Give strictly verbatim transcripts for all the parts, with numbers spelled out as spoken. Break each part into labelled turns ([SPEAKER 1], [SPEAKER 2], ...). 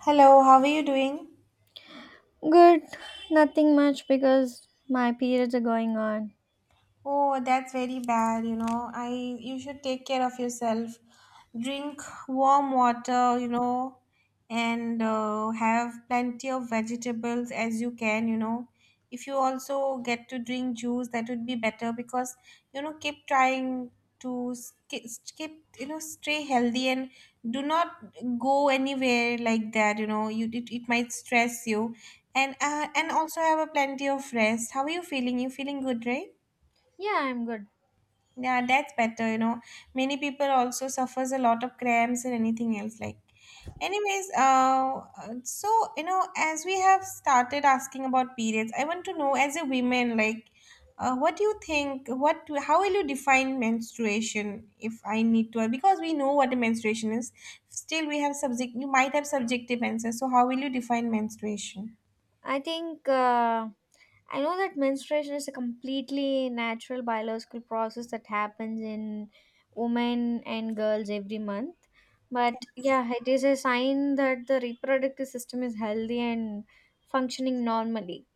[SPEAKER 1] Hello, how are you doing?
[SPEAKER 2] Good. Nothing much because my periods are going on.
[SPEAKER 1] Oh, that's very bad, you know. I You should take care of yourself. Drink warm water, you know, and uh, have plenty of vegetables as you can, you know. If you also get to drink juice, that would be better because, you know, keep trying to sk- keep, you know, stay healthy and do not go anywhere like that, you know. You it, it might stress you. And uh, and also have a plenty of rest. How are you feeling? You feeling good, right?
[SPEAKER 2] Yeah, I'm good.
[SPEAKER 1] Yeah, that's better. You know, many people also suffers a lot of cramps and anything else. Like, anyways, uh, uh, so you know, as we have started asking about periods, I want to know, as a woman, like, uh, what do you think? What, how will you define menstruation? If I need to, because we know what a menstruation is, still we have subject. You might have subjective answers. So, how will you define menstruation?
[SPEAKER 2] I think uh, I know that menstruation is a completely natural biological process that happens in women and girls every month. But yeah, it is a sign that the reproductive system is healthy and functioning normally.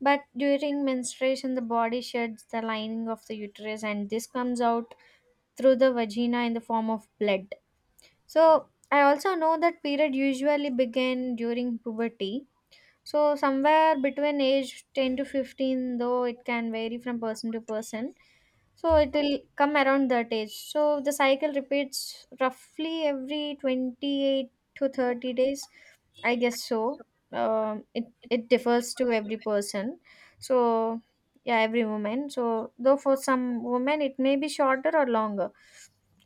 [SPEAKER 2] But during menstruation, the body sheds the lining of the uterus, and this comes out through the vagina in the form of blood. So I also know that period usually begin during puberty so somewhere between age ten to fifteen, though it can vary from person to person. So it will come around that age. So the cycle repeats roughly every twenty-eight to thirty days. I guess so. Um, it it differs to every person. So yeah, every woman. So though for some women it may be shorter or longer.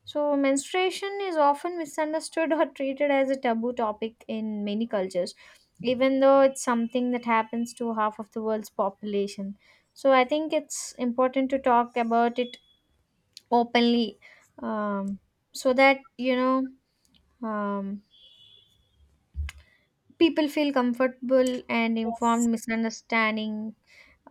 [SPEAKER 2] So menstruation is often misunderstood or treated as a taboo topic in many cultures even though it's something that happens to half of the world's population. So I think it's important to talk about it openly um, so that, you know, um, people feel comfortable and
[SPEAKER 1] Yes.
[SPEAKER 2] informed misunderstanding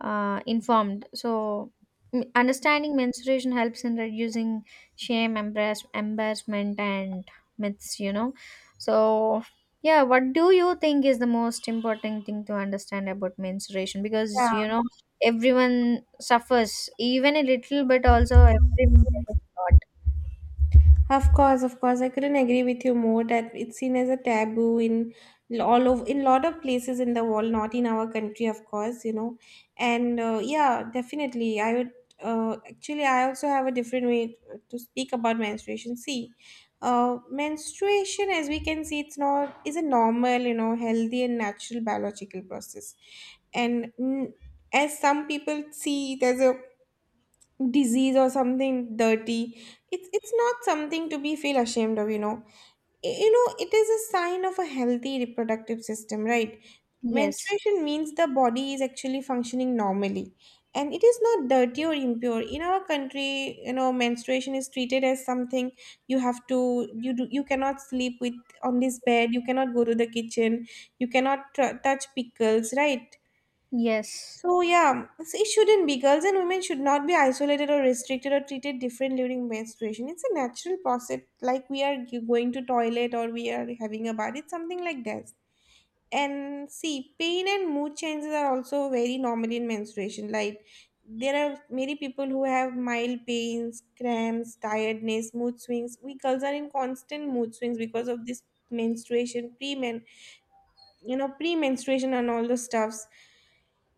[SPEAKER 2] uh, informed so m- understanding menstruation helps in reducing shame embarrass- embarrassment and myths, you know. So yeah, what do you think is the most important thing to understand about menstruation? Because,
[SPEAKER 1] Yeah.
[SPEAKER 2] you know, everyone suffers even a little but also everyone suffers a lot.
[SPEAKER 1] Of course, of course, I couldn't agree with you more that it's seen as a taboo in l- all of in lot of places in the world, not in our country, of course, you know. And uh, yeah, definitely, I would uh, actually I also have a different way to speak about menstruation. See, uh, menstruation, as we can see, it's not is a normal, you know, healthy and natural biological process, and mm, as some people see, there's a disease or something dirty. It's it's not something to be feel ashamed of you know Y- you know it is a sign of a healthy reproductive system, right?
[SPEAKER 2] Yes,
[SPEAKER 1] Menstruation means the body is actually functioning normally, and it is not dirty or impure. In our country you know menstruation is treated as something. You have to you do You cannot sleep with on this bed. You cannot go to the kitchen. You cannot tr- touch pickles, right?
[SPEAKER 2] yes,
[SPEAKER 1] So yeah, so it shouldn't be. Girls and women should not be isolated or restricted or treated different during menstruation. It's a natural process, like we are g- going to toilet or we are having a bath. It's something like that. And see, pain and mood changes are also very normal in menstruation. Like there are many people who have mild pains, cramps, tiredness, mood swings. We girls are in constant mood swings because of this menstruation, pre men, you know, pre menstruation and all those stuffs.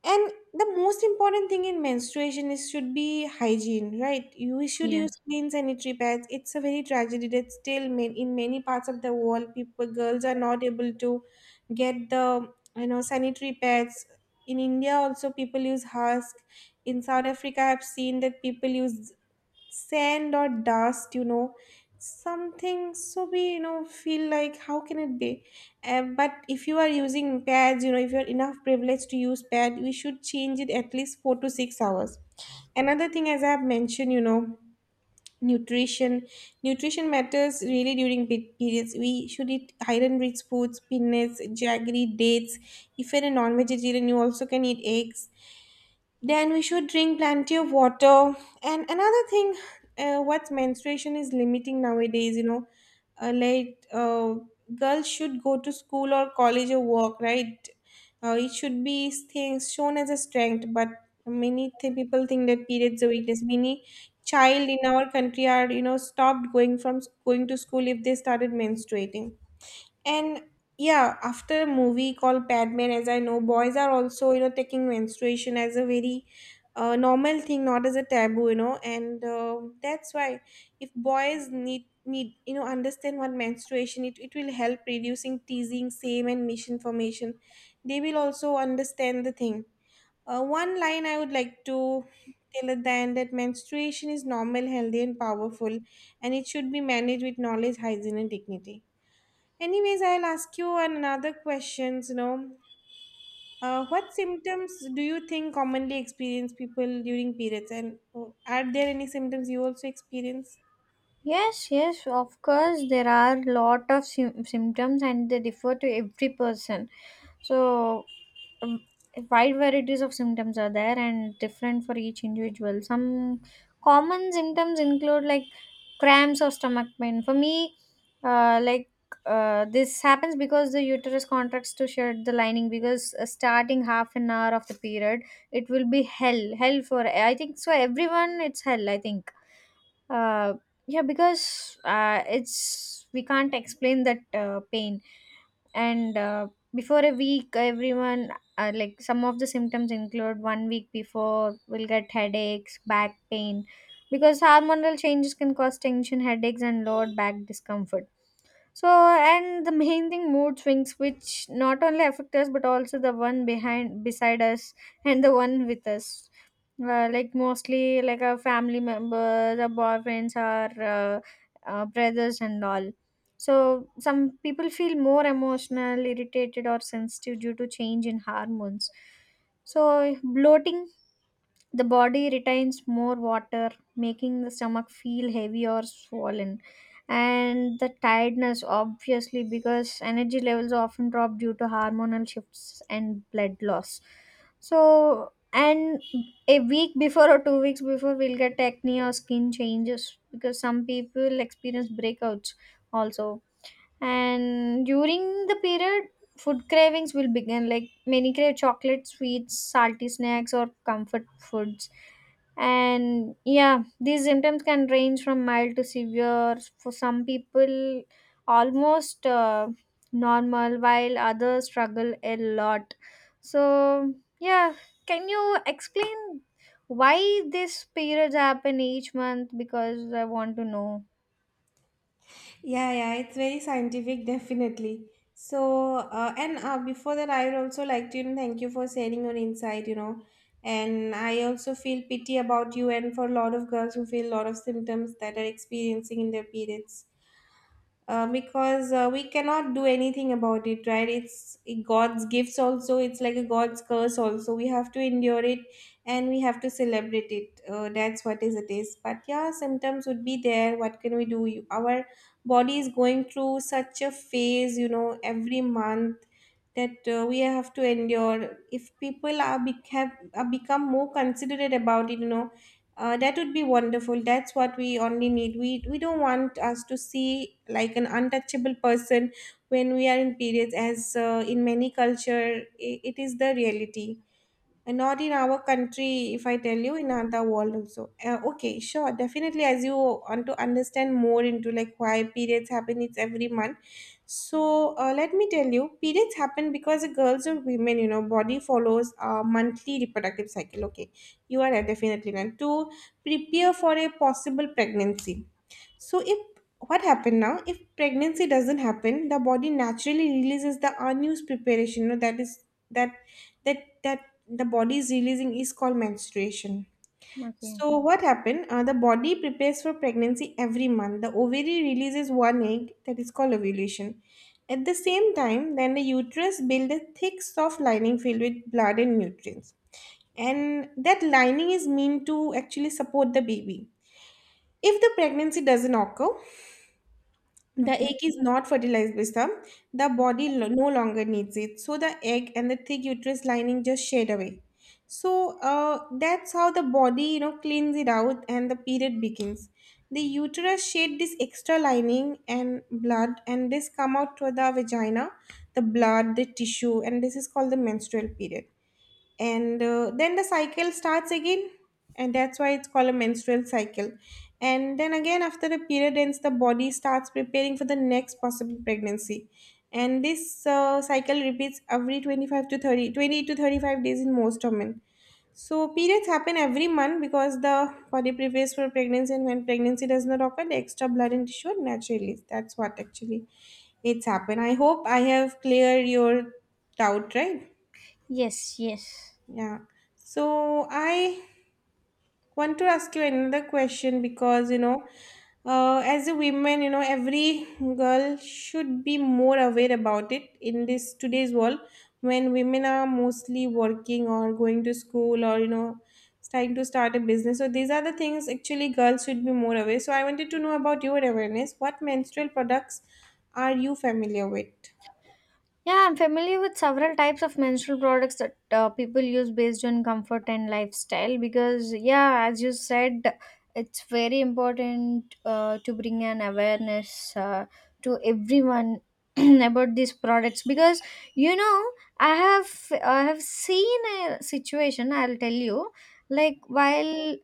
[SPEAKER 1] And the most important thing in menstruation is should be hygiene, right? You should
[SPEAKER 2] yeah.
[SPEAKER 1] use clean sanitary pads. It's a very tragedy that still ma- in many parts of the world, people girls are not able to get the you know sanitary pads. In India also people use husk. In South Africa, I've seen that people use sand or dust, you know something, so we you know feel like how can it be. Uh, but if you are using pads, you know if you're enough privileged to use pad, we should change it at least four to six hours. Another thing, as I have mentioned you know nutrition nutrition matters really during pe- periods. We should eat iron rich foods, peanuts, jaggery, dates. If you're a non-vegetarian you also can eat eggs. Then we should drink plenty of water. And another thing, uh, what menstruation is limiting nowadays, you know, uh, like uh, girls should go to school or college or work, right? Uh, it should be things shown as a strength, but many th- people think that periods are weakness. Many child in our country are, you know, stopped going from going to school if they started menstruating. And yeah, after a movie called Padman, as I know, boys are also, you know, taking menstruation as a very uh, normal thing, not as a taboo, you know. And um that's why if boys need need you know understand what menstruation, it, it will help reducing teasing, shame and misinformation. They will also understand the thing. Uh, one line I would like to tell at the end: that menstruation is normal, healthy and powerful, and it should be managed with knowledge, hygiene and dignity. Anyways, I'll ask you another questions, you know. Uh, what symptoms do you think commonly experience people during periods? And uh, are there any symptoms you also experience?
[SPEAKER 2] Yes, yes, of course, there are lot of sym- symptoms and they differ to every person. So, um, wide varieties of symptoms are there and different for each individual. Some common symptoms include like cramps or stomach pain. For me, uh, like uh, this happens because the uterus contracts to shed the lining because uh, starting half an hour of the period, it will be hell, hell for I think so. Everyone, it's hell, I think uh, yeah because uh, it's we can't explain that uh, pain. And uh, before a week everyone, uh, like some of the symptoms include, one week before we will get headaches, back pain because hormonal changes can cause tension headaches and lower back discomfort. So, and the main thing, mood swings, which not only affect us but also the one behind, beside us, and the one with us. Uh, like mostly like a family member, the boyfriends or uh, uh, brothers and all. So some people feel more emotional, irritated, or sensitive due to change in hormones. So bloating, the body retains more water, making the stomach feel heavy or swollen. And the tiredness, obviously, because energy levels often drop due to hormonal shifts and blood loss. So, and a week before or two weeks before, we'll get acne or skin changes because some people experience breakouts also. And during the period food cravings will begin, like many crave chocolate, sweets, salty snacks, or comfort foods. And yeah, these symptoms can range from mild to severe. For some people almost uh, normal while others struggle a lot. So yeah, can you explain why these periods happen each month? Because I want to know.
[SPEAKER 1] Yeah, yeah, it's very scientific, definitely. So, uh, and uh, before that, I would also like to, you know, thank you for sharing your insight, you know. And I also feel pity about you and for a lot of girls who feel a lot of symptoms that are experiencing in their periods. Uh, because uh, we cannot do anything about it, right? It's god's gifts also, it's like a god's curse also, we have to endure it. And we have to celebrate it uh, That's what is it is. But yeah, symptoms would be there, what can we do? You- our body is going through such a phase, you know, every month, that uh, we have to endure. If people are, bec- have, are become more considerate about it you know uh, That would be wonderful. That's what we only need. We we don't want us to see like an untouchable person when we are in periods, as uh, in many culture I it is the reality. And not in our country, if I tell you, in other world also. Uh, okay, sure, definitely. As you want to understand more into like why periods happen, it's every month. So uh, let me tell you, periods happen because the girls or women, you know, body follows a monthly reproductive cycle. Okay, you are right, definitely right. To prepare for a possible pregnancy, so if what happened now? If pregnancy doesn't happen, the body naturally releases the unused preparation. You know, that is that that that the body is releasing is called menstruation.
[SPEAKER 2] Okay,
[SPEAKER 1] So what happened? Uh, the body prepares for pregnancy every month. The ovary releases one egg, that is called ovulation. At the same time, then the uterus builds a thick, soft lining filled with blood and nutrients. And that lining is meant to actually support the baby. If the pregnancy doesn't occur, the
[SPEAKER 2] okay.
[SPEAKER 1] egg is not fertilized by some. The body lo- no longer needs it. So the egg and the thick uterus lining just shed away. So uh, that's how the body, you know, cleans it out and the period begins. The uterus shed this extra lining and blood, and this come out to the vagina, the blood, the tissue, and this is called the menstrual period. And uh, then the cycle starts again, and that's why it's called a menstrual cycle. And then again after the period ends, the body starts preparing for the next possible pregnancy. And this uh, cycle repeats every twenty-five to thirty, twenty to thirty-five days in most women. So periods happen every month because the body prepares for pregnancy, and when pregnancy does not occur, the extra blood and tissue are naturally, that's what actually it's happened. I hope I have cleared your doubt, right?
[SPEAKER 2] Yes, yes.
[SPEAKER 1] Yeah. So I want to ask you another question because, you know, uh, as a woman, you know, every girl should be more aware about it in this today's world, when women are mostly working or going to school or, you know, starting to start a business. So these are the things actually girls should be more aware. So I wanted to know about your awareness. What menstrual products are you familiar with?
[SPEAKER 2] Yeah, I'm familiar with several types of menstrual products that uh, people use based on comfort and lifestyle because, yeah, as you said, it's very important uh, to bring an awareness uh, to everyone about these products. Because, you know, I have I have seen a situation, I'll tell you. Like while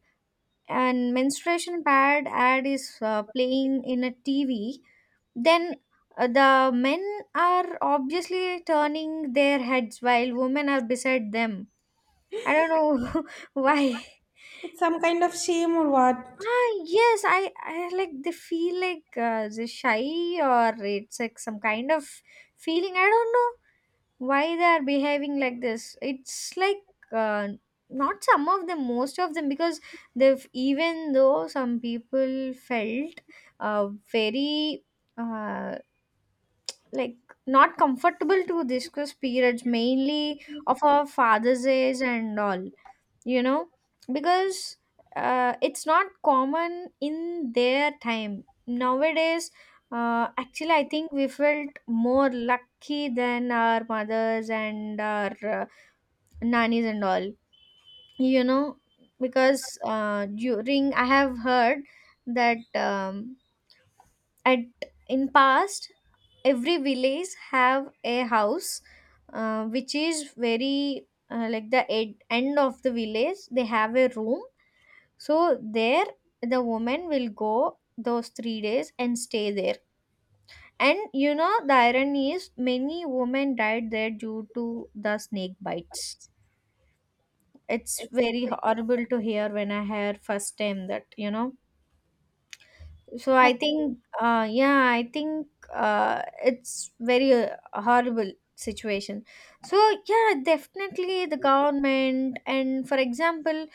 [SPEAKER 2] and menstruation pad ad is uh, playing in a T V, then uh, the men are obviously turning their heads while women are beside them. I don't know why.
[SPEAKER 1] It's some kind of shame or what?
[SPEAKER 2] Ah, yes, I, I like they feel like uh, they're shy or it's like some kind of feeling. I don't know why they are behaving like this. It's like uh, not some of them, most of them, because they've, even though some people felt uh, very uh, like not comfortable to discuss periods, mainly of our father's age and all, you know. Because uh, it's not common in their time. Nowadays, uh, actually I think we felt more lucky than our mothers and our, uh, nannies and all, you know. Because uh, during I have heard that, um, at in past every village have a house, uh, which is very, uh, like the ed- end of the village they have a room. So there the woman will go those three days and stay there. And you know the irony is many women died there due to the snake bites. It's very horrible to hear when I hear first time that, you know. So I think, uh, yeah, I think uh, it's very uh, horrible situation. So yeah, definitely the government, and for example,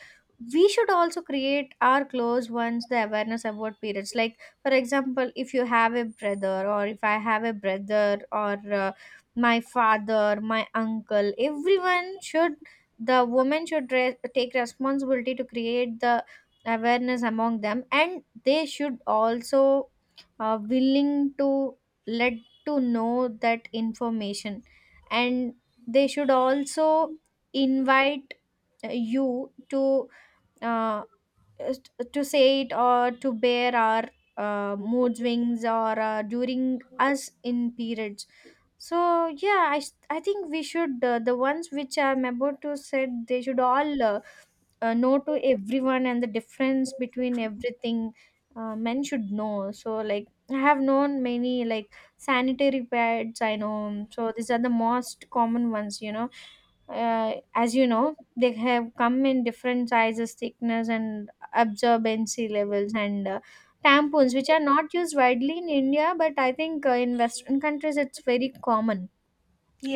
[SPEAKER 2] we should also create our close ones the awareness about periods. Like for example, if you have a brother or if I have a brother or uh, my father, my uncle, everyone should, the woman should re- take responsibility to create the awareness among them, and they should also uh, willing to let to know that information. And they should also invite uh, you to uh, s- to say it or to bear our uh, mood swings or uh, during us in periods. So yeah, i s- I think we should, uh, the ones which I'm about to said, they should all uh, uh, no to everyone and the difference between everything. uh, men should know. So like I have known many like sanitary pads I know. So these are the most common ones, you know. uh, as you know, they have come in different sizes, thickness and absorbency levels. And uh, tampons, which are not used widely in india, but I think uh, in western countries it's very common.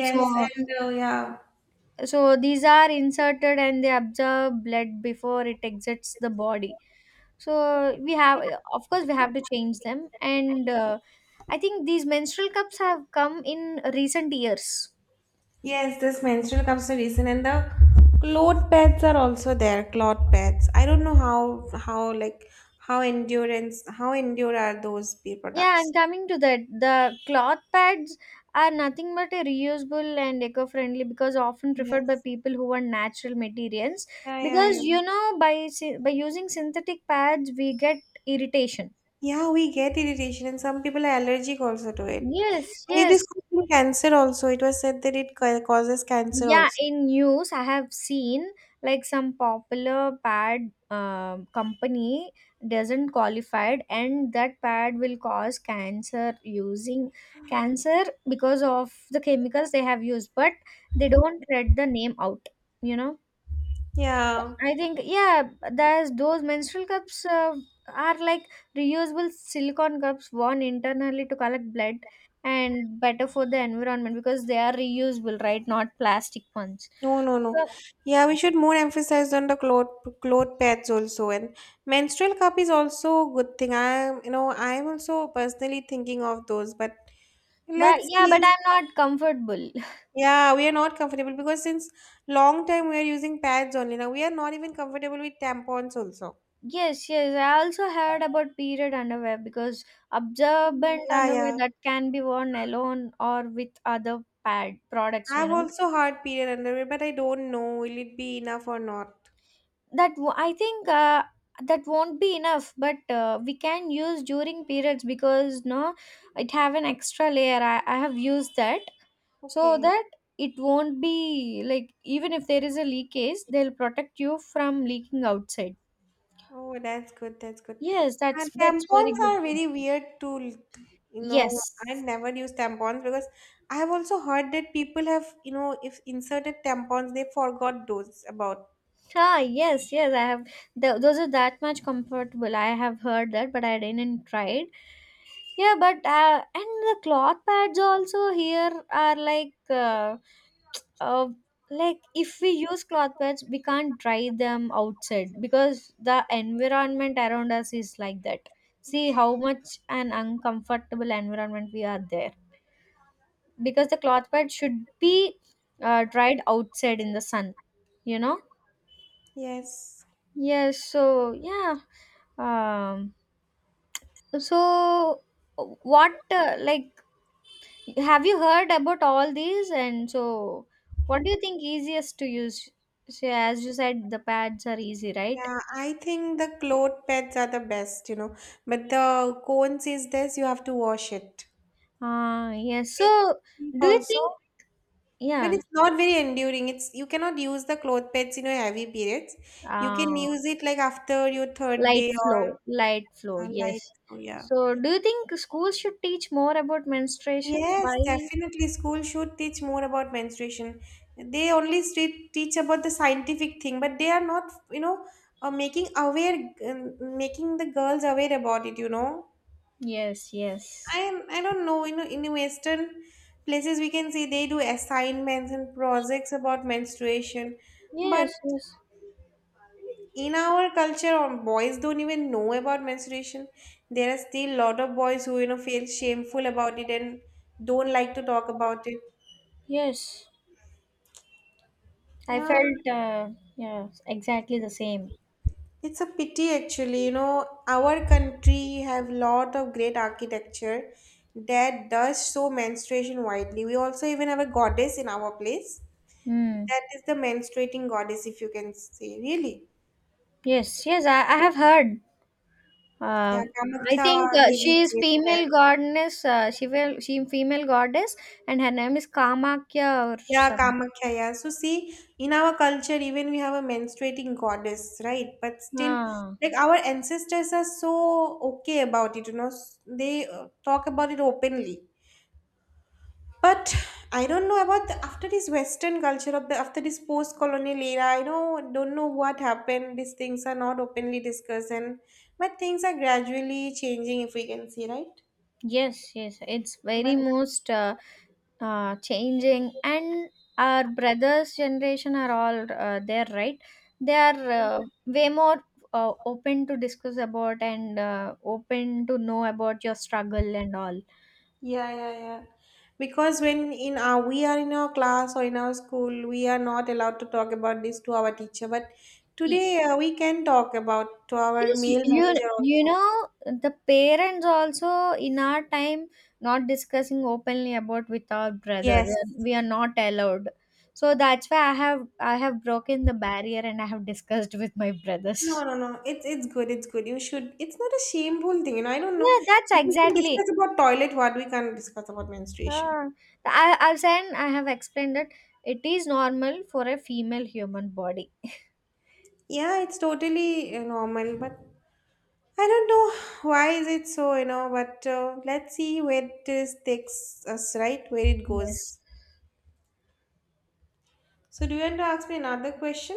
[SPEAKER 2] So
[SPEAKER 1] and uh, yeah.
[SPEAKER 2] so these are inserted and they absorb blood before it exits the body. So we have, of course we have to change them. And uh, I think these menstrual cups have come in recent years.
[SPEAKER 1] Yes, this menstrual cups the reason, and the cloth pads are also there. Cloth pads. I don't know how how like how endurance how endure are those pea
[SPEAKER 2] Yeah, I'm
[SPEAKER 1] products.
[SPEAKER 2] coming to that. The cloth pads are nothing but a reusable and eco-friendly, because often preferred by
[SPEAKER 1] Yes.
[SPEAKER 2] people who want natural materials.
[SPEAKER 1] Yeah, yeah,
[SPEAKER 2] Because
[SPEAKER 1] yeah.
[SPEAKER 2] you know by sy- by using synthetic pads we get irritation.
[SPEAKER 1] Yeah, we get irritation, and some people are allergic also to it.
[SPEAKER 2] Yes,
[SPEAKER 1] And it is
[SPEAKER 2] yes.
[SPEAKER 1] causing cancer also. It was said that it ca- causes cancer
[SPEAKER 2] Yeah,
[SPEAKER 1] also.
[SPEAKER 2] in news, I have seen like some popular pad um, company doesn't qualified, and that pad will cause cancer, using cancer because of the chemicals they have used, but they don't read the name out, you know.
[SPEAKER 1] Yeah.
[SPEAKER 2] I think yeah, there's those menstrual cups uh, are like reusable silicone cups worn internally to collect blood, and better for the environment because they are reusable, right? Not plastic ones.
[SPEAKER 1] No, no, no.
[SPEAKER 2] So,
[SPEAKER 1] Yeah, we should more emphasize on the cloth cloth pads also, and menstrual cup is also a good thing. I am, you know, I am also personally thinking of those, but
[SPEAKER 2] but
[SPEAKER 1] let's
[SPEAKER 2] yeah, but
[SPEAKER 1] see.
[SPEAKER 2] I'm not comfortable.
[SPEAKER 1] Yeah, we are not comfortable because since long time we are using pads only. Now we are not even comfortable with tampons also.
[SPEAKER 2] Yes, yes. I also heard about period underwear because
[SPEAKER 1] Mm,
[SPEAKER 2] absorbent
[SPEAKER 1] yeah, yeah.
[SPEAKER 2] underwear that can be worn alone or with other pad products, you
[SPEAKER 1] I've
[SPEAKER 2] know.
[SPEAKER 1] also heard period underwear, but I don't know will it be enough or not.
[SPEAKER 2] that w- I think uh, that won't be enough, but uh, we can use during periods. Because no, it have an extra layer. I, I have used that. So
[SPEAKER 1] Okay.
[SPEAKER 2] that it won't be like, even if there is a leakage they'll protect you from leaking outside.
[SPEAKER 1] Oh, that's good. That's good.
[SPEAKER 2] Yes,
[SPEAKER 1] And
[SPEAKER 2] that's that's very
[SPEAKER 1] tampons
[SPEAKER 2] good.
[SPEAKER 1] are very weird tool. You know, I
[SPEAKER 2] Yes.
[SPEAKER 1] never use tampons because I have also heard that people have, you know, if inserted tampons, they forgot those about.
[SPEAKER 2] Ah, yes, yes. I have. Th- those are that much comfortable. I have heard that, but I didn't try it. Yeah, but uh, and the cloth pads also here are like, uh, uh, like if we use cloth pads, we can't dry them outside because the environment around us is like that. See how much an uncomfortable environment we are there. Because the cloth pad should be uh, dried outside in the sun. You know.
[SPEAKER 1] Yes.
[SPEAKER 2] Yes. So yeah. Um, so what uh, like have you heard about all these? And so what do you think easiest to use? So as you said the pads are easy, right?
[SPEAKER 1] Yeah, I think the cloth pads are the best, you know. But the cone says this, you have to wash it.
[SPEAKER 2] Uh yes.
[SPEAKER 1] It's
[SPEAKER 2] So
[SPEAKER 1] cheap
[SPEAKER 2] do you
[SPEAKER 1] also,
[SPEAKER 2] think,
[SPEAKER 1] but
[SPEAKER 2] yeah,
[SPEAKER 1] it's not very enduring. It's You cannot use the cloth pads in your heavy periods. You can
[SPEAKER 2] uh
[SPEAKER 1] use it like after your third
[SPEAKER 2] light
[SPEAKER 1] day or
[SPEAKER 2] flow, light flow,
[SPEAKER 1] uh, like,
[SPEAKER 2] yes.
[SPEAKER 1] Oh yeah.
[SPEAKER 2] So do you think schools should teach more about menstruation?
[SPEAKER 1] Yes,
[SPEAKER 2] Why?
[SPEAKER 1] definitely. School should teach more about menstruation. They only street, teach about the scientific thing, but they are not, you know, uh, making aware, um, making the girls aware about it. You know,
[SPEAKER 2] Yes, yes.
[SPEAKER 1] I I don't know. You know, in Western places, we can see they do assignments and projects about menstruation, but
[SPEAKER 2] Yes, yes.
[SPEAKER 1] in our culture, um, boys don't even know about menstruation. There are still lot of boys who you know feel shameful about it and don't like to talk about it.
[SPEAKER 2] Yes. I
[SPEAKER 1] Yeah,
[SPEAKER 2] felt uh yeah, exactly the same.
[SPEAKER 1] it's a pity actually, you know, our country have lot of great architecture that does show menstruation widely. We also even have a goddess in our place.
[SPEAKER 2] Hmm.
[SPEAKER 1] That is the menstruating goddess, if you can say, really.
[SPEAKER 2] Yes, yes, I, I have heard. Um,
[SPEAKER 1] Yeah,
[SPEAKER 2] I think
[SPEAKER 1] Kamakhya
[SPEAKER 2] uh,
[SPEAKER 1] really
[SPEAKER 2] she is
[SPEAKER 1] is there.
[SPEAKER 2] female goddess. Uh, she will, she female goddess, and her name is Kamakya or
[SPEAKER 1] Yeah,
[SPEAKER 2] some.
[SPEAKER 1] Kamakhya, yeah. So see, in our culture, even we have a menstruating goddess, right? But still,
[SPEAKER 2] Ah,
[SPEAKER 1] like our ancestors are so okay about it, you know. s- They uh, talk about it openly. But I don't know about the, after this Western culture of the after this post-colonial era. I know don't know what happened. These things are not openly discussed, and but things are gradually changing. If we can see, right?
[SPEAKER 2] yes, yes, it's
[SPEAKER 1] But
[SPEAKER 2] very most uh, uh, changing, and our brothers' generation are all uh, there, right? They are uh, way more uh, open to discuss about, and uh, open to know about your struggle and all.
[SPEAKER 1] yeah, yeah, yeah. Because when in our we are in our class or in our school, we are not allowed to talk about this to our teacher. But
[SPEAKER 2] E,
[SPEAKER 1] today uh, we can talk about to our
[SPEAKER 2] yes, y-
[SPEAKER 1] male
[SPEAKER 2] you,
[SPEAKER 1] manager
[SPEAKER 2] you
[SPEAKER 1] also.
[SPEAKER 2] know the parents also, in our time, not discussing openly about with our brother.
[SPEAKER 1] Yes,
[SPEAKER 2] They are- We are not allowed. So that's why I have I have broken the barrier and I have discussed with my brothers.
[SPEAKER 1] No, no, no. It's it's good. It's good. You should. It's not a shameful thing. You know, I don't know.
[SPEAKER 2] Yeah, that's
[SPEAKER 1] If we can
[SPEAKER 2] exactly.
[SPEAKER 1] discuss about toilet. What we can't discuss about menstruation.
[SPEAKER 2] Uh, I I've said, I have explained that it is normal for a female human body.
[SPEAKER 1] Yeah, it's totally uh, normal. But I don't know why is it so. You know, but uh, let's see where this takes us. Right, where it
[SPEAKER 2] Yes.
[SPEAKER 1] goes. So, do you want to ask me another question?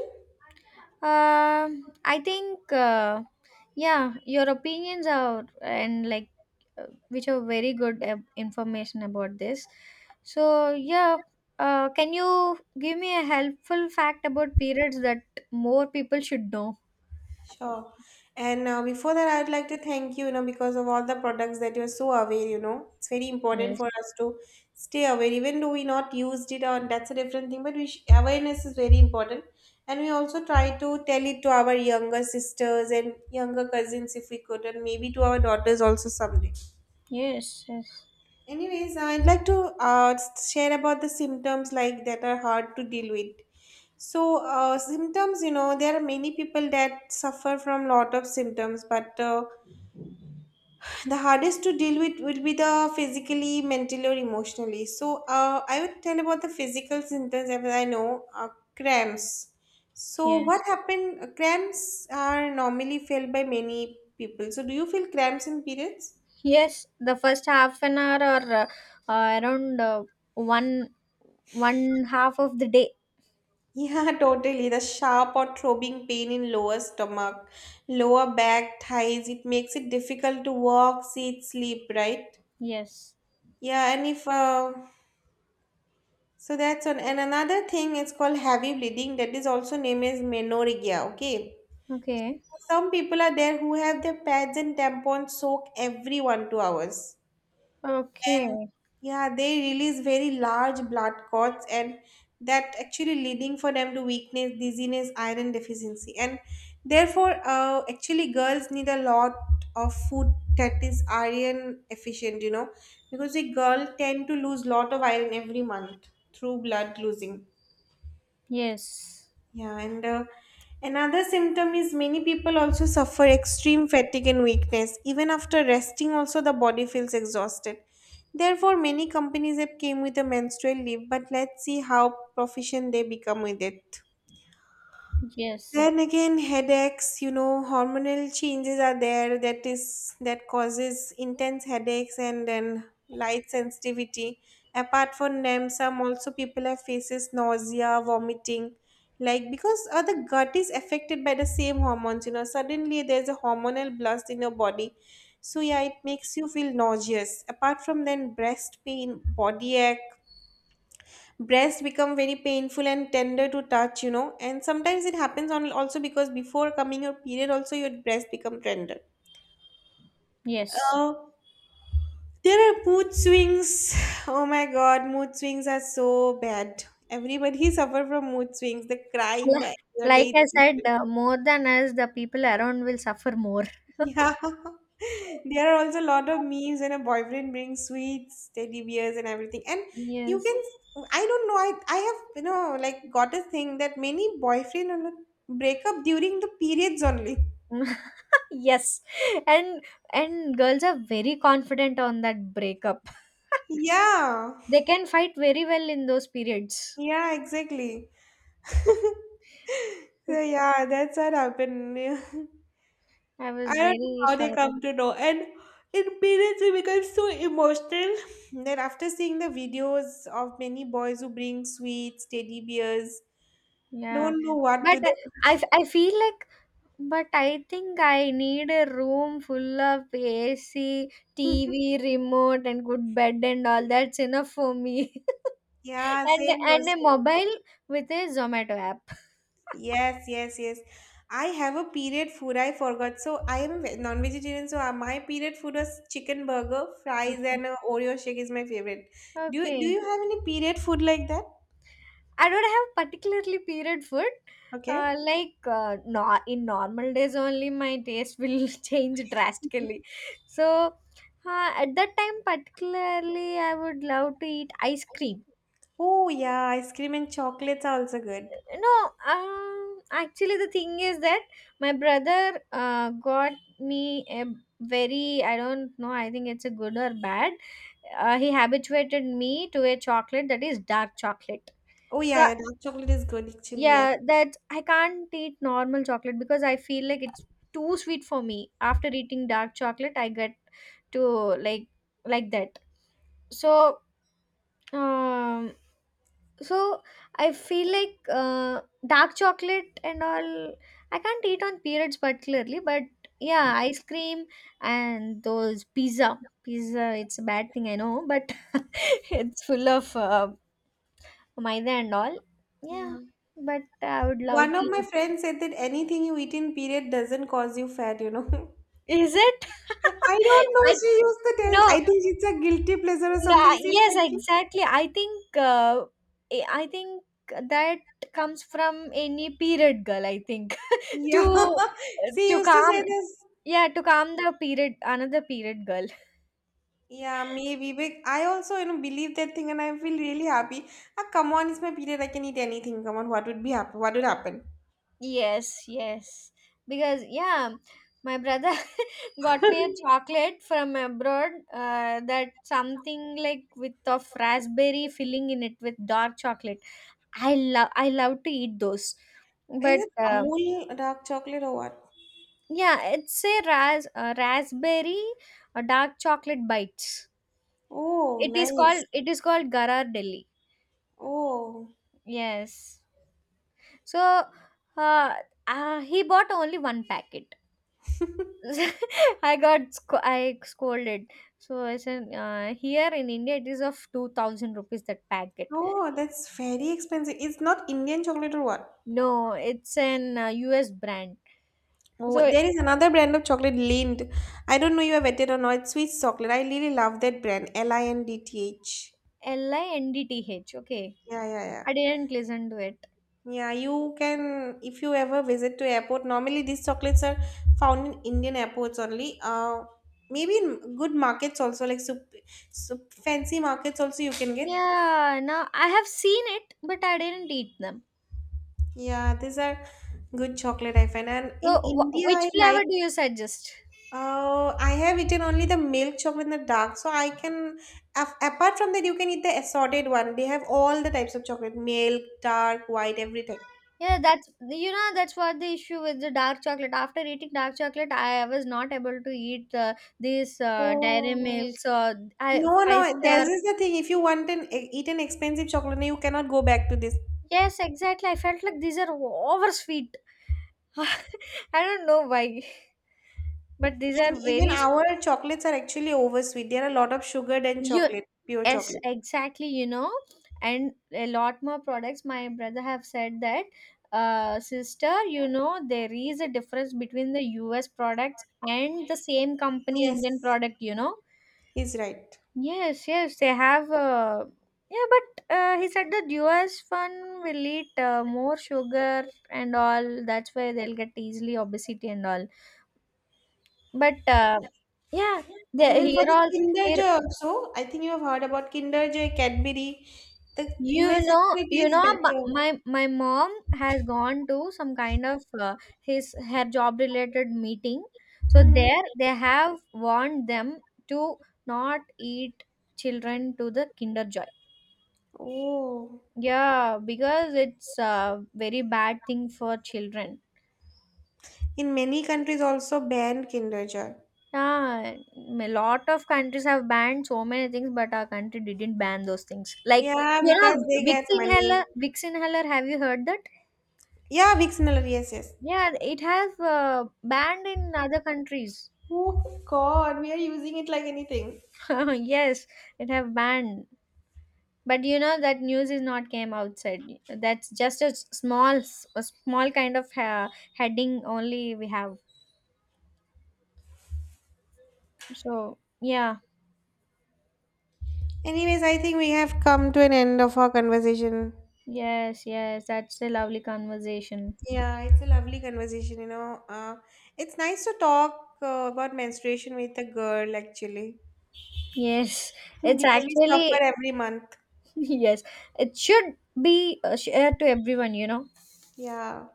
[SPEAKER 2] Um, I think, uh, yeah, your opinions are, and like uh, which are very good uh, information about this. So yeah, uh, can you give me a helpful fact about periods that more people should know?
[SPEAKER 1] Sure. And uh, before that, I'd like to thank you, you know, because of all the products that you're so aware, you know, it's very important
[SPEAKER 2] Yes,
[SPEAKER 1] for us to stay aware, even though we not used it or that's a different thing, but we sh- awareness is very important. And we also try to tell it to our younger sisters and younger cousins if we could, and maybe to our daughters also someday.
[SPEAKER 2] yes, yes,
[SPEAKER 1] Anyways, I'd like to uh, share about the symptoms like that are hard to deal with. So uh, symptoms, you know, there are many people that suffer from lot of symptoms, but uh, the hardest to deal with will be the physically, mentally, or emotionally. So uh, I would tell about the physical symptoms as I know uh, cramps. So what
[SPEAKER 2] yes.
[SPEAKER 1] happened? uh, Cramps are normally felt by many people. So do you feel cramps in periods?
[SPEAKER 2] Yes, the first half an hour or uh, uh, around uh, one one half of the day.
[SPEAKER 1] Yeah, totally. The sharp or throbbing pain in lower stomach, lower back, thighs, it makes it difficult to walk, sit, sleep, right?
[SPEAKER 2] Yes.
[SPEAKER 1] Yeah, and if uh, so that's one. And another thing is called heavy bleeding that is also named as menorrhagia, okay?
[SPEAKER 2] Okay.
[SPEAKER 1] Some people are there who have their pads and tampons soak every one two hours. And
[SPEAKER 2] Okay.
[SPEAKER 1] yeah, they release very large blood clots and that actually leading for them to weakness, dizziness, iron deficiency, and therefore uh, actually girls need a lot of food that is iron efficient, you know, because a girl tend to lose lot of iron every month through blood losing.
[SPEAKER 2] Yes,
[SPEAKER 1] Yeah, and uh, another symptom is many people also suffer extreme fatigue and weakness. Even after resting, also the body feels exhausted. Therefore, many companies have came with a menstrual leave, but let's see how proficient they become with it.
[SPEAKER 2] yes.
[SPEAKER 1] Then again, headaches, you know, hormonal changes are there that is that causes intense headaches and then light sensitivity. Apart from them, some also people have faces nausea, vomiting, like because uh, the gut is affected by the same hormones, you know. Suddenly there's a hormonal blast in your body. So yeah, it makes you feel nauseous. Apart from then, breast pain, body ache, breast become very painful and tender to touch, you know, and sometimes it happens on also because before coming your period also your breast become tender.
[SPEAKER 2] Yes.
[SPEAKER 1] uh, there are mood swings. Oh my god, mood swings are so bad. Everybody suffer from mood swings, the crying,
[SPEAKER 2] Yeah.
[SPEAKER 1] the anger, the
[SPEAKER 2] Like I said,
[SPEAKER 1] irritation.
[SPEAKER 2] uh, more than us, the people around will suffer more.
[SPEAKER 1] Yeah. There are also a lot of memes when a boyfriend brings sweets, teddy bears and everything. And you
[SPEAKER 2] Yes.
[SPEAKER 1] can, I don't know, I I have, you know, like got a thing that many boyfriend break up during the periods only.
[SPEAKER 2] Yes, and and girls are very confident on that breakup.
[SPEAKER 1] Yeah.
[SPEAKER 2] They can fight very well in those periods.
[SPEAKER 1] Yeah, exactly. So yeah, that's what happened. Yeah.
[SPEAKER 2] I was
[SPEAKER 1] I don't know
[SPEAKER 2] very
[SPEAKER 1] how they
[SPEAKER 2] shocked.
[SPEAKER 1] come to know. And in periods we become so emotional that after seeing the videos of many boys who bring sweets, teddy bears,
[SPEAKER 2] Yeah.
[SPEAKER 1] don't know what to
[SPEAKER 2] But
[SPEAKER 1] do.
[SPEAKER 2] uh, I, f- I feel like, but I think I need a room full of A C, T V, remote, and good bed and all. That's enough for me.
[SPEAKER 1] Yeah,
[SPEAKER 2] and
[SPEAKER 1] same
[SPEAKER 2] and
[SPEAKER 1] goes
[SPEAKER 2] a
[SPEAKER 1] to me.
[SPEAKER 2] mobile with a Zomato app.
[SPEAKER 1] Yes, yes, yes. I have a period food. I forgot. So I am ve- non-vegetarian. So uh, my period food was chicken burger, fries,
[SPEAKER 2] Okay.
[SPEAKER 1] and uh, Oreo shake is my favorite. Do you do
[SPEAKER 2] Okay.
[SPEAKER 1] you have any period food like that?
[SPEAKER 2] I don't have particularly period food. Uh,
[SPEAKER 1] Okay.
[SPEAKER 2] like uh, no, in normal days only my taste will change drastically. So uh, at that time particularly I would love to eat ice cream.
[SPEAKER 1] Oh yeah, ice cream and chocolates are also good.
[SPEAKER 2] No, um, actually, the thing is that my brother uh, got me a very, I don't know, I think it's a good or bad. Uh, he habituated me to a chocolate that is dark chocolate.
[SPEAKER 1] Oh
[SPEAKER 2] So,
[SPEAKER 1] yeah, yeah, dark chocolate is good actually. Yes.
[SPEAKER 2] yeah, that I can't eat normal chocolate because I feel like it's too sweet for me. After eating dark chocolate, I get to like like that. So um, so I feel like uh, dark chocolate and all. I can't eat on periods particularly, but yeah, ice cream and those pizza. Pizza, it's a bad thing I know, but it's full of uh, maida and all.
[SPEAKER 1] Yeah.
[SPEAKER 2] Yeah, but I would love
[SPEAKER 1] One
[SPEAKER 2] to
[SPEAKER 1] of my
[SPEAKER 2] eat.
[SPEAKER 1] friends said that anything you eat in period doesn't cause you fat, you know.
[SPEAKER 2] Is it?
[SPEAKER 1] I don't know.
[SPEAKER 2] I
[SPEAKER 1] She used to tell.
[SPEAKER 2] no.
[SPEAKER 1] I think it's a guilty pleasure or
[SPEAKER 2] No,
[SPEAKER 1] something.
[SPEAKER 2] I-
[SPEAKER 1] She
[SPEAKER 2] Yes,
[SPEAKER 1] said, ki-
[SPEAKER 2] exactly. I think uh, eh, I think that comes from any period girl, I think.
[SPEAKER 1] yeah.
[SPEAKER 2] to
[SPEAKER 1] She
[SPEAKER 2] to
[SPEAKER 1] used to say
[SPEAKER 2] calm,
[SPEAKER 1] this.
[SPEAKER 2] yeah, to calm the period another period girl.
[SPEAKER 1] Yeah, maybe. But I also, you know, believe that thing, and I feel really happy. Ah, come on, it's my period. I can eat anything. Come on, what would be happen? What would happen?
[SPEAKER 2] Yes, yes. Because yeah, my brother got me a chocolate from abroad uh, that something like with of raspberry filling in it with dark chocolate. I love I love to eat those.
[SPEAKER 1] Is
[SPEAKER 2] But
[SPEAKER 1] it
[SPEAKER 2] uh,
[SPEAKER 1] Amul dark chocolate or what?
[SPEAKER 2] yeah, it's a ras- uh, raspberry uh, dark chocolate bites.
[SPEAKER 1] Oh,
[SPEAKER 2] It is
[SPEAKER 1] nice.
[SPEAKER 2] called it is called Garar Delhi.
[SPEAKER 1] Oh,
[SPEAKER 2] Yes. So uh, uh, he bought only one packet. I got sc- I scolded. So I said uh, here in India it is of two thousand rupees that packet.
[SPEAKER 1] oh, that's very expensive. It's not Indian chocolate or what?
[SPEAKER 2] No, it's an uh, U S brand.
[SPEAKER 1] Oh,
[SPEAKER 2] So
[SPEAKER 1] there is another brand of chocolate, Lind. I don't know you have had it or not. It's Swiss chocolate. I really love that brand, L I N D T H.
[SPEAKER 2] L I N D T H. Okay.
[SPEAKER 1] Yeah, yeah, yeah.
[SPEAKER 2] I didn't listen to it.
[SPEAKER 1] Yeah, you can, if you ever visit to airport, normally these chocolates are found in Indian airports only. Uh, maybe in good markets also, like sup, sup, fancy markets also you can get.
[SPEAKER 2] Yeah, now I have seen it, but I didn't eat them.
[SPEAKER 1] Yeah, these are good chocolate I find. And in
[SPEAKER 2] So, wh-
[SPEAKER 1] India,
[SPEAKER 2] which
[SPEAKER 1] I like
[SPEAKER 2] flavor do you suggest?
[SPEAKER 1] Uh, I have eaten only the milk chocolate in the dark, so I can. af- Apart from that, you can eat the assorted one. They have all the types of chocolate: milk, dark, white, everything.
[SPEAKER 2] Yeah, that's, you know, that's what the issue with the dark chocolate. After eating dark chocolate, I was not able to eat uh, these uh, dairy
[SPEAKER 1] Oh.
[SPEAKER 2] milks or I,
[SPEAKER 1] No, no,
[SPEAKER 2] five
[SPEAKER 1] this
[SPEAKER 2] star.
[SPEAKER 1] is the thing. If you want an e, eat an expensive chocolate, you cannot go back to this.
[SPEAKER 2] Yes, exactly. I felt like these are oversweet. I don't know why, but these
[SPEAKER 1] And
[SPEAKER 2] are
[SPEAKER 1] even
[SPEAKER 2] very sweet.
[SPEAKER 1] our chocolates are actually oversweet. There are a lot of sugar than
[SPEAKER 2] You.
[SPEAKER 1] chocolate, pure
[SPEAKER 2] Yes,
[SPEAKER 1] chocolate.
[SPEAKER 2] exactly, you know, and a lot more products. My brother have said that, uh, sister, you know, there is a difference between the U S products and the same company Indian
[SPEAKER 1] Yes,
[SPEAKER 2] product, you know.
[SPEAKER 1] he's right.
[SPEAKER 2] Yes, yes, they have. Uh, yeah, but uh, He said that U S one will eat uh, more sugar and all. That's why they'll get easily obesity and all. But uh, yeah, the
[SPEAKER 1] Even for
[SPEAKER 2] here
[SPEAKER 1] the Kinder
[SPEAKER 2] also.
[SPEAKER 1] Joy also, I think you have heard about Kinder Joy, Cadbury. The
[SPEAKER 2] You
[SPEAKER 1] U S
[SPEAKER 2] know,
[SPEAKER 1] actually
[SPEAKER 2] you
[SPEAKER 1] tastes
[SPEAKER 2] know, m-
[SPEAKER 1] better.
[SPEAKER 2] my my mom has gone to some kind of uh, his her job related meeting. So
[SPEAKER 1] Mhm.
[SPEAKER 2] there they have warned them to not eat children to the Kinder Joy.
[SPEAKER 1] Oh,
[SPEAKER 2] Yeah, because it's a very bad thing for children.
[SPEAKER 1] in many countries also ban Kinder Joy.
[SPEAKER 2] Yeah, a lot of countries have banned so many things, but our country didn't ban those things. Like,
[SPEAKER 1] Yeah,
[SPEAKER 2] you
[SPEAKER 1] because
[SPEAKER 2] know,
[SPEAKER 1] they get money.
[SPEAKER 2] Vixinhaler, Vixinhaler. Have you heard that?
[SPEAKER 1] Yeah, Vicks Niller, yes, yes.
[SPEAKER 2] Yeah, it has uh, banned in other countries.
[SPEAKER 1] Oh God, we are using it like anything.
[SPEAKER 2] Yes, it have banned. But you know that news is not came outside. That's just a s- small, s- a small kind of uh, heading only we have. So yeah,
[SPEAKER 1] Anyways, I think we have come to an end of our conversation.
[SPEAKER 2] yes, yes, that's a lovely conversation.
[SPEAKER 1] Yeah, it's a lovely conversation, you know. Uh, it's nice to talk uh, about menstruation with a girl, actually,
[SPEAKER 2] Yes, it's
[SPEAKER 1] because we suffer
[SPEAKER 2] actually
[SPEAKER 1] every month.
[SPEAKER 2] yes, it should be uh, shared to everyone. You know.
[SPEAKER 1] Yeah.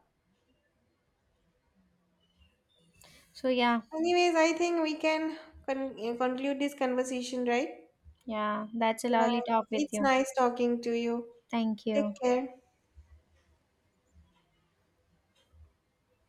[SPEAKER 2] So yeah,
[SPEAKER 1] Anyways, I think we can con- conclude this conversation, right?
[SPEAKER 2] yeah, that's a
[SPEAKER 1] Yeah,
[SPEAKER 2] lovely talk with
[SPEAKER 1] it's
[SPEAKER 2] you.
[SPEAKER 1] nice talking to you.
[SPEAKER 2] Thank
[SPEAKER 1] Take
[SPEAKER 2] you.
[SPEAKER 1] care.